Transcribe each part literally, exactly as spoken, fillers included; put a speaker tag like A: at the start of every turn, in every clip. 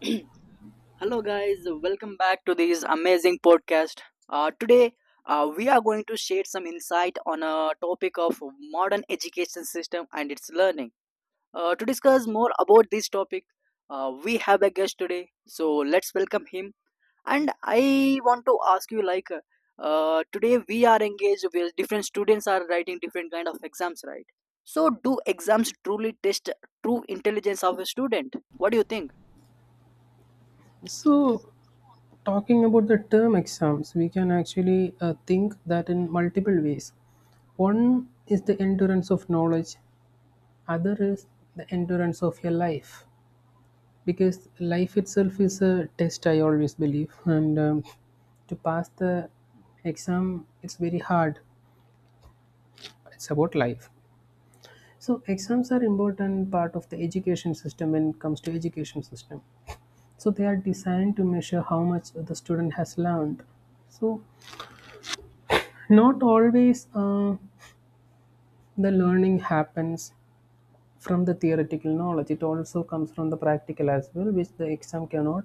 A: Hello, guys. Welcome back to this amazing podcast. Uh, today, uh, we are going to share some insight on a topic of modern education system and its learning. Uh, to discuss more about this topic, uh, we have a guest today. So let's welcome him. And I want to ask you, like, uh, today we are engaged with different students are writing different kind of exams, right? So, do exams truly test true intelligence of a student? What do you think?
B: So, talking about the term exams, we can actually uh, think that in multiple ways. One is the endurance of knowledge, other is the endurance of your life, because life itself is a test, I always believe. And um, To pass the exam, it's very hard. It's about life. So, exams are important part of the education system when it comes to education system. So, they are designed to measure how much the student has learned. So not always uh, the learning happens from the theoretical knowledge, it also comes from the practical as well, which the exam cannot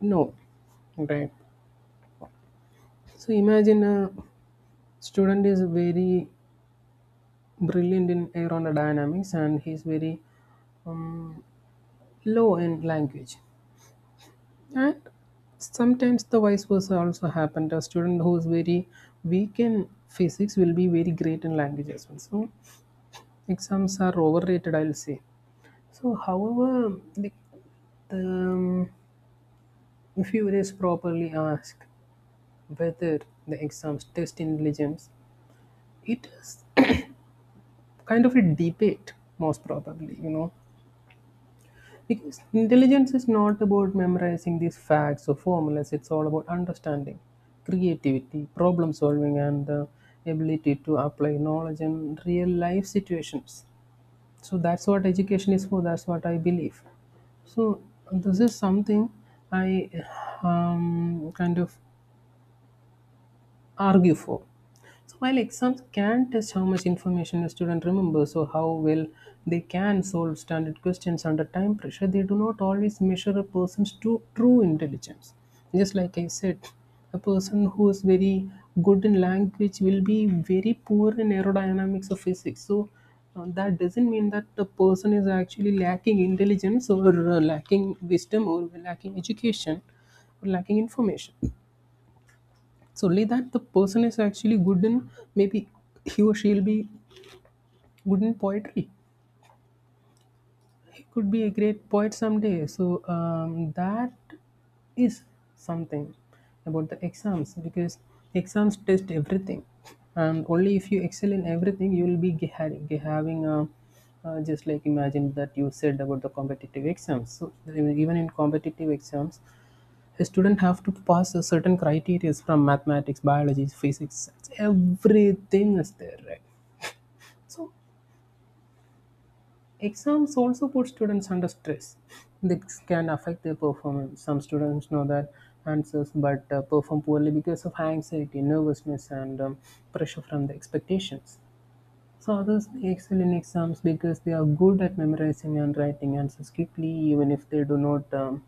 B: know. Right. So imagine a student is very brilliant in aerodynamics and he's very um, low in language. And sometimes the vice versa also happened. A student who is very weak in physics will be very great in language as well. So exams are overrated, I'll say. So, however, the, the um, if you is properly asked whether the exams test intelligence, it is kind of a debate, most probably, you know, because intelligence is not about memorizing these facts or formulas. It's all about understanding, creativity, problem solving, and the ability to apply knowledge in real life situations. So that's what education is for. That's what I believe. So this is something I um, kind of argue for. So while exams can test how much information a student remembers or how well they can solve standard questions under time pressure, they do not always measure a person's true, true intelligence. Just like I said, a person who is very good in language will be very poor in aerodynamics or physics. So uh, that doesn't mean that the person is actually lacking intelligence or uh, lacking wisdom or lacking education or lacking information. It's only that the person is actually good in, maybe, he or she'll be good in poetry. He could be a great poet someday. So um, that is something about the exams because exams test everything, and only if you excel in everything you will be ge- ha- ge- having a. Uh, just like imagine that you said about the competitive exams. So even in competitive exams, a student have to pass a certain criteria from mathematics, biology, physics, everything is there, right? So exams also put students under stress. This can affect their performance. Some students know that answers but uh, perform poorly because of anxiety, nervousness, and um, pressure from the expectations. So others excel in exams because they are good at memorizing and writing answers quickly, even if they do not um,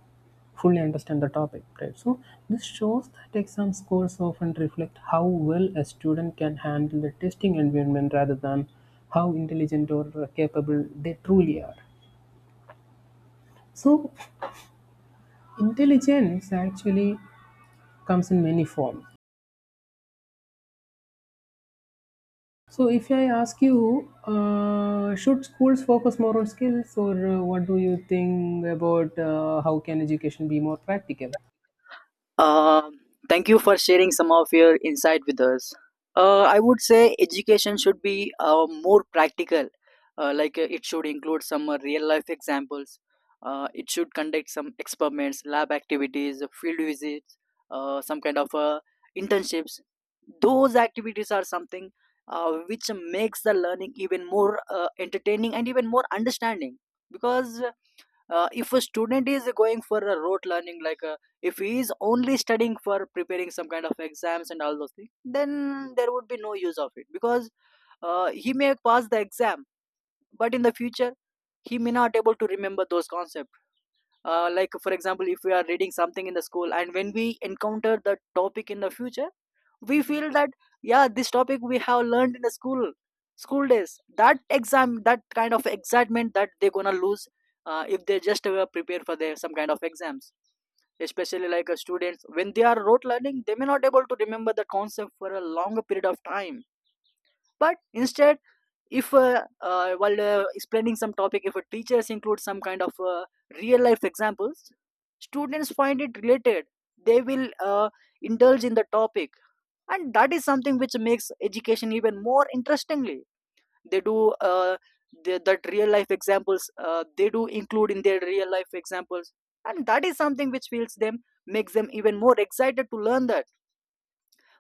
B: fully understand the topic. Right. So this shows that exam scores often reflect how well a student can handle the testing environment rather than how intelligent or capable they truly are. So intelligence actually comes in many forms. So if I ask you, uh, should schools focus more on skills, or uh, what do you think about uh, how can education be more practical?
A: Um, Thank you for sharing some of your insight with us. Uh, I would say education should be uh, more practical. Uh, like uh, it should include some uh, real life examples. Uh, it should conduct some experiments, lab activities, field visits, uh, some kind of uh, internships. Those activities are something uh, which makes the learning even more uh, entertaining and even more understanding because uh, if a student is going for a rote learning like uh, if he is only studying for preparing some kind of exams and all those things, then there would be no use of it because uh, he may pass the exam, but in the future he may not able to remember those concepts. Uh, like for example, if we are reading something in the school and when we encounter the topic in the future, we feel that yeah, this topic we have learned in the school school days, that exam, that kind of excitement that they're gonna lose uh, if they just uh, prepare for their some kind of exams, especially like uh, students when they are rote learning they may not able to remember the concept for a longer period of time. But instead, if uh, uh, while uh, explaining some topic, if a teachers include some kind of uh, real life examples, students find it related, they will uh, indulge in the topic, and that is something which makes education even more interestingly. They do uh, they, that real life examples uh, they do include in their real life examples, and that is something which feels them, makes them even more excited to learn that.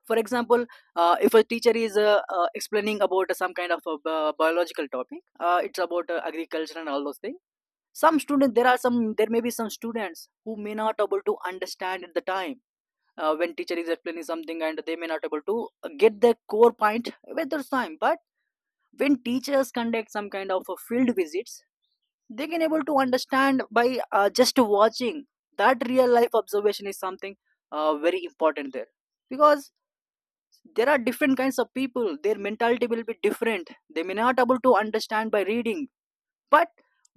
A: For example, uh, if a teacher is uh, uh, explaining about some kind of a bi- biological topic, uh, it's about uh, agriculture and all those things. Some students, there are some there may be some students who may not able to understand at the time uh, when teacher is explaining something, and they may not able to get the core point with their time. But when teachers conduct some kind of a field visits, they can able to understand by uh, just watching. That real life observation is something uh, very important there, because there are different kinds of people, their mentality will be different, they may not able to understand by reading. But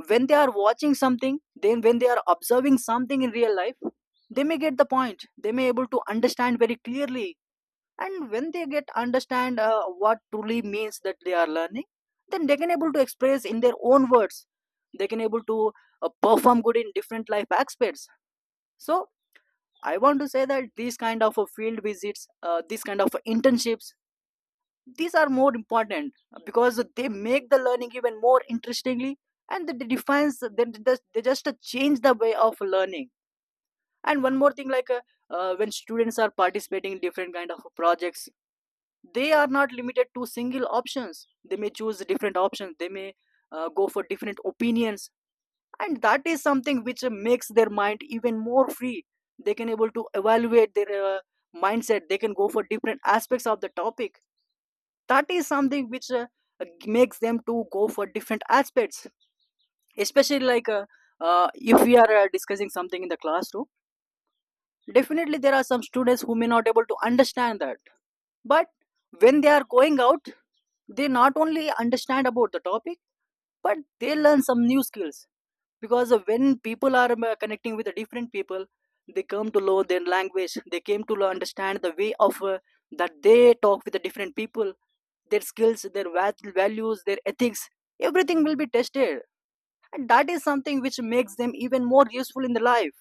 A: when they are watching something, then when they are observing something in real life, they may get the point, they may able to understand very clearly. And when they get understand uh, what truly means that they are learning, then they can able to express in their own words, they can able to uh, perform good in different life aspects. So I want to say that these kind of uh, field visits, uh, these kind of internships, these are more important because they make the learning even more interestingly, and they defines, they, they they just uh, change the way of learning. And one more thing, like uh, uh, when students are participating in different kind of projects, they are not limited to single options, they may choose different options, they may uh, go for different opinions. And that is something which makes their mind even more free. They can able to evaluate their uh, mindset, they can go for different aspects of the topic. That is something which uh, makes them to go for different aspects. Especially like uh, uh, if we are uh, discussing something in the classroom, definitely there are some students who may not able to understand that. But when they are going out, they not only understand about the topic, but they learn some new skills. Because when people are um, connecting with the different people, they come to learn their language, they came to understand the way of uh, that they talk with the different people. Their skills, their va- values, their ethics, everything will be tested, and that is something which makes them even more useful in the life.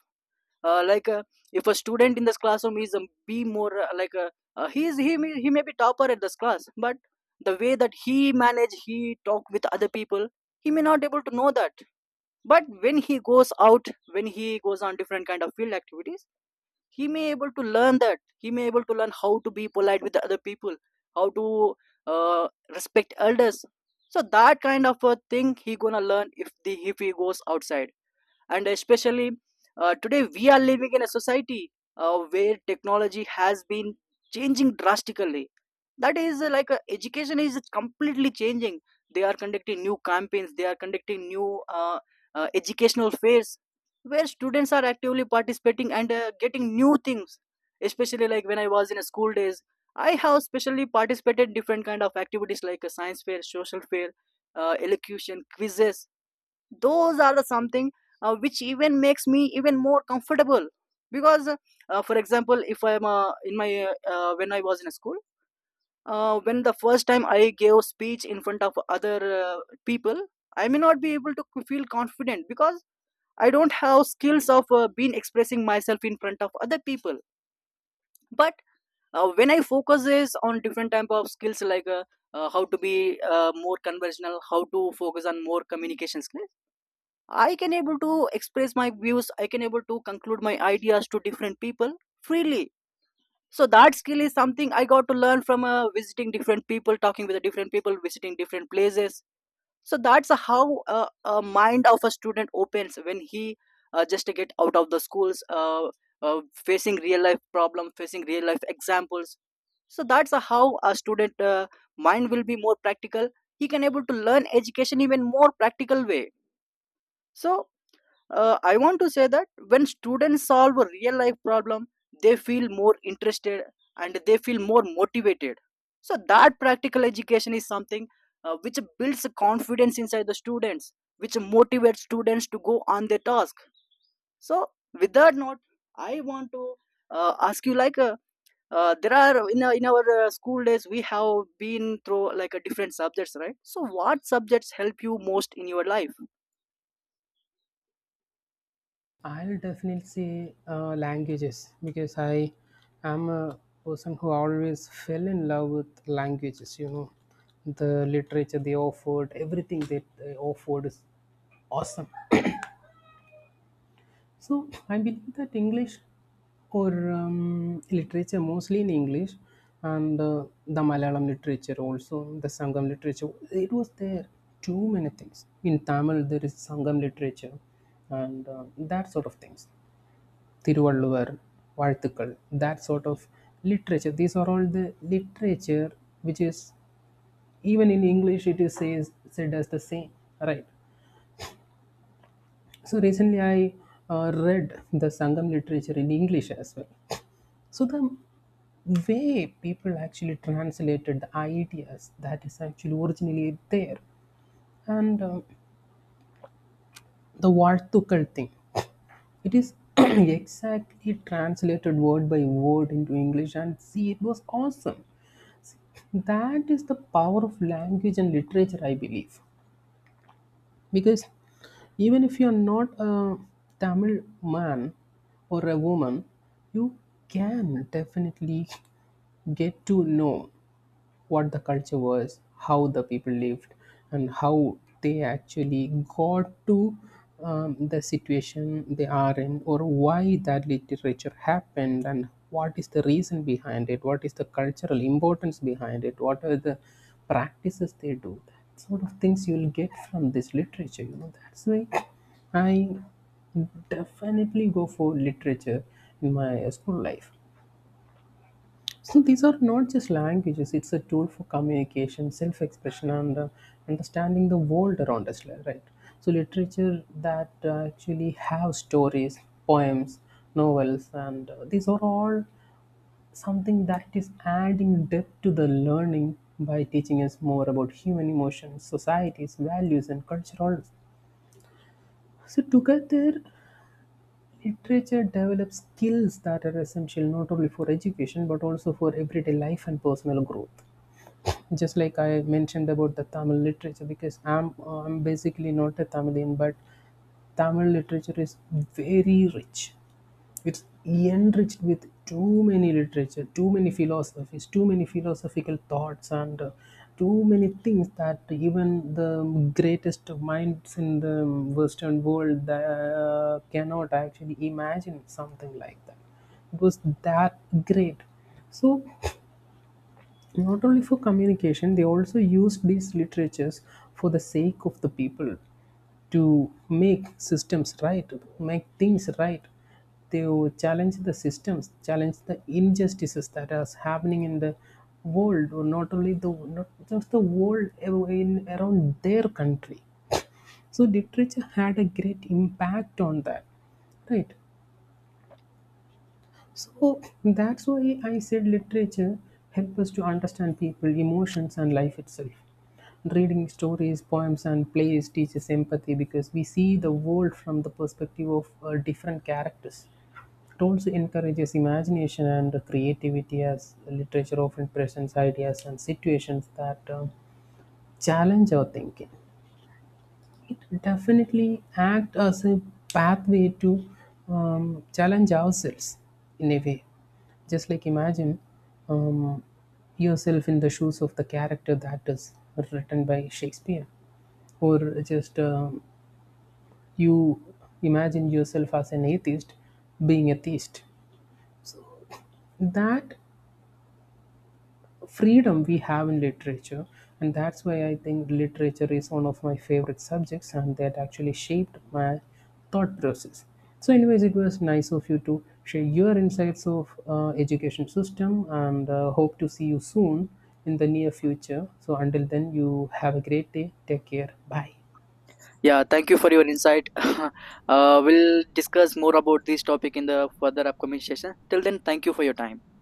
A: uh, like uh, if a student in this classroom is um, be more uh, like uh, uh, he is, he may, he may be topper at this class. But the way that he manage, he talk with other people, he may not able to know that. But when he goes out, when he goes on different kind of field activities, he may able to learn that, he may able to learn how to be polite with the other people, how to uh, respect elders. So that kind of a thing he gonna learn if the if he goes outside. And especially uh, today we are living in a society uh, where technology has been changing drastically. That is uh, like uh, education is completely changing. They are conducting new campaigns, they are conducting new uh, uh, educational fairs where students are actively participating and uh, getting new things. Especially like when I was in a school days, I have specially participated different kind of activities like a science fair, social fair, uh, elocution quizzes. Those are the something uh, which even makes me even more comfortable. Because uh, for example, if I'm uh, in my uh, uh, when I was in school, uh, when the first time I gave speech in front of other uh, people, I may not be able to feel confident because I don't have skills of uh, being expressing myself in front of other people. But uh, when I focus is on different type of skills like uh, uh, how to be uh, more conversational, how to focus on more communication skills, I can able to express my views. I can able to conclude my ideas to different people freely. So that skill is something I got to learn from uh, visiting different people, talking with the different people, visiting different places. So that's how uh, a mind of a student opens when he uh, just get out of the schools, uh, uh, facing real life problem, facing real life examples. So that's how a student uh, mind will be more practical. He can able to learn education even more practical way. So uh, I want to say that when students solve a real life problem, they feel more interested and they feel more motivated. So that practical education is something uh, which builds confidence inside the students, which motivates students to go on their task. So, with that note, I want to uh, ask you, like uh, uh, there are in, our- in our uh, school days we have been through like a different subjects, right? So what subjects help you most in your life?
B: I'll definitely say uh, languages because I am a person who always fell in love with languages. You know, the literature they offered, everything that they offered is awesome. So I believe that English or um, literature, mostly in English, and uh, the Malayalam literature also, the Sangam literature, it was there. Too many things. In Tamil, there is Sangam literature and uh, that sort of things. Thiruvalluvar, Vartikal, that sort of literature. These are all the literature which is, even in English, it is says, said as the same, right? So recently, I uh, read the Sangam literature in English as well. So the way people actually translated the ideas that is actually originally there, and uh, the Vartukal thing, it is exactly translated word by word into English, and see, it was awesome. That is the power of language and literature, I believe, because even if you are not a Tamil man or a woman, you can definitely get to know what the culture was, how the people lived, and how they actually got to um, the situation they are in, or why that literature happened, and what is the reason behind it, what is the cultural importance behind it, what are the practices they do. That sort of things you'll get from this literature. You know, that's why I definitely go for literature in my school life. So these are not just languages; it's a tool for communication, self-expression, and uh, understanding the world around us, li- right? So literature that uh, actually have stories, poems, novels, and uh, these are all something that is adding depth to the learning by teaching us more about human emotions, societies, values, and cultural. So together, literature develops skills that are essential not only for education but also for everyday life and personal growth, just like I mentioned about the Tamil literature, because I'm I'm basically not a Tamilian, but Tamil literature is very rich. It's enriched with too many literature, too many philosophies, too many philosophical thoughts, and uh, too many things that even the greatest minds in the Western world uh, cannot actually imagine something like that. It was that great. So not only for communication, they also used these literatures for the sake of the people, to make systems right, make things right. They will challenge the systems, challenge the injustices that are happening in the world, or not only the, not just the world, in around their country. So literature had a great impact on that, right? So that's why I said literature helps us to understand people, emotions, and life itself. Reading stories, poems, and plays teaches empathy because we see the world from the perspective of uh, different characters. It also encourages imagination and creativity as literature often presents ideas and situations that um, challenge our thinking. It definitely act as a pathway to um, challenge ourselves in a way. Just like imagine um, yourself in the shoes of the character that is written by Shakespeare, or just um, you imagine yourself as an atheist being a theist. That freedom we have in literature, and that's why I think literature is one of my favorite subjects and that actually shaped my thought process. So anyways, it was nice of you to share your insights of uh, education system and uh, hope to see you soon in the near future. So until then, you have a great day. Take care, bye.
A: Yeah, thank you for your insight. Uh, we'll discuss more about this topic in the further upcoming session. Till then, thank you for your time.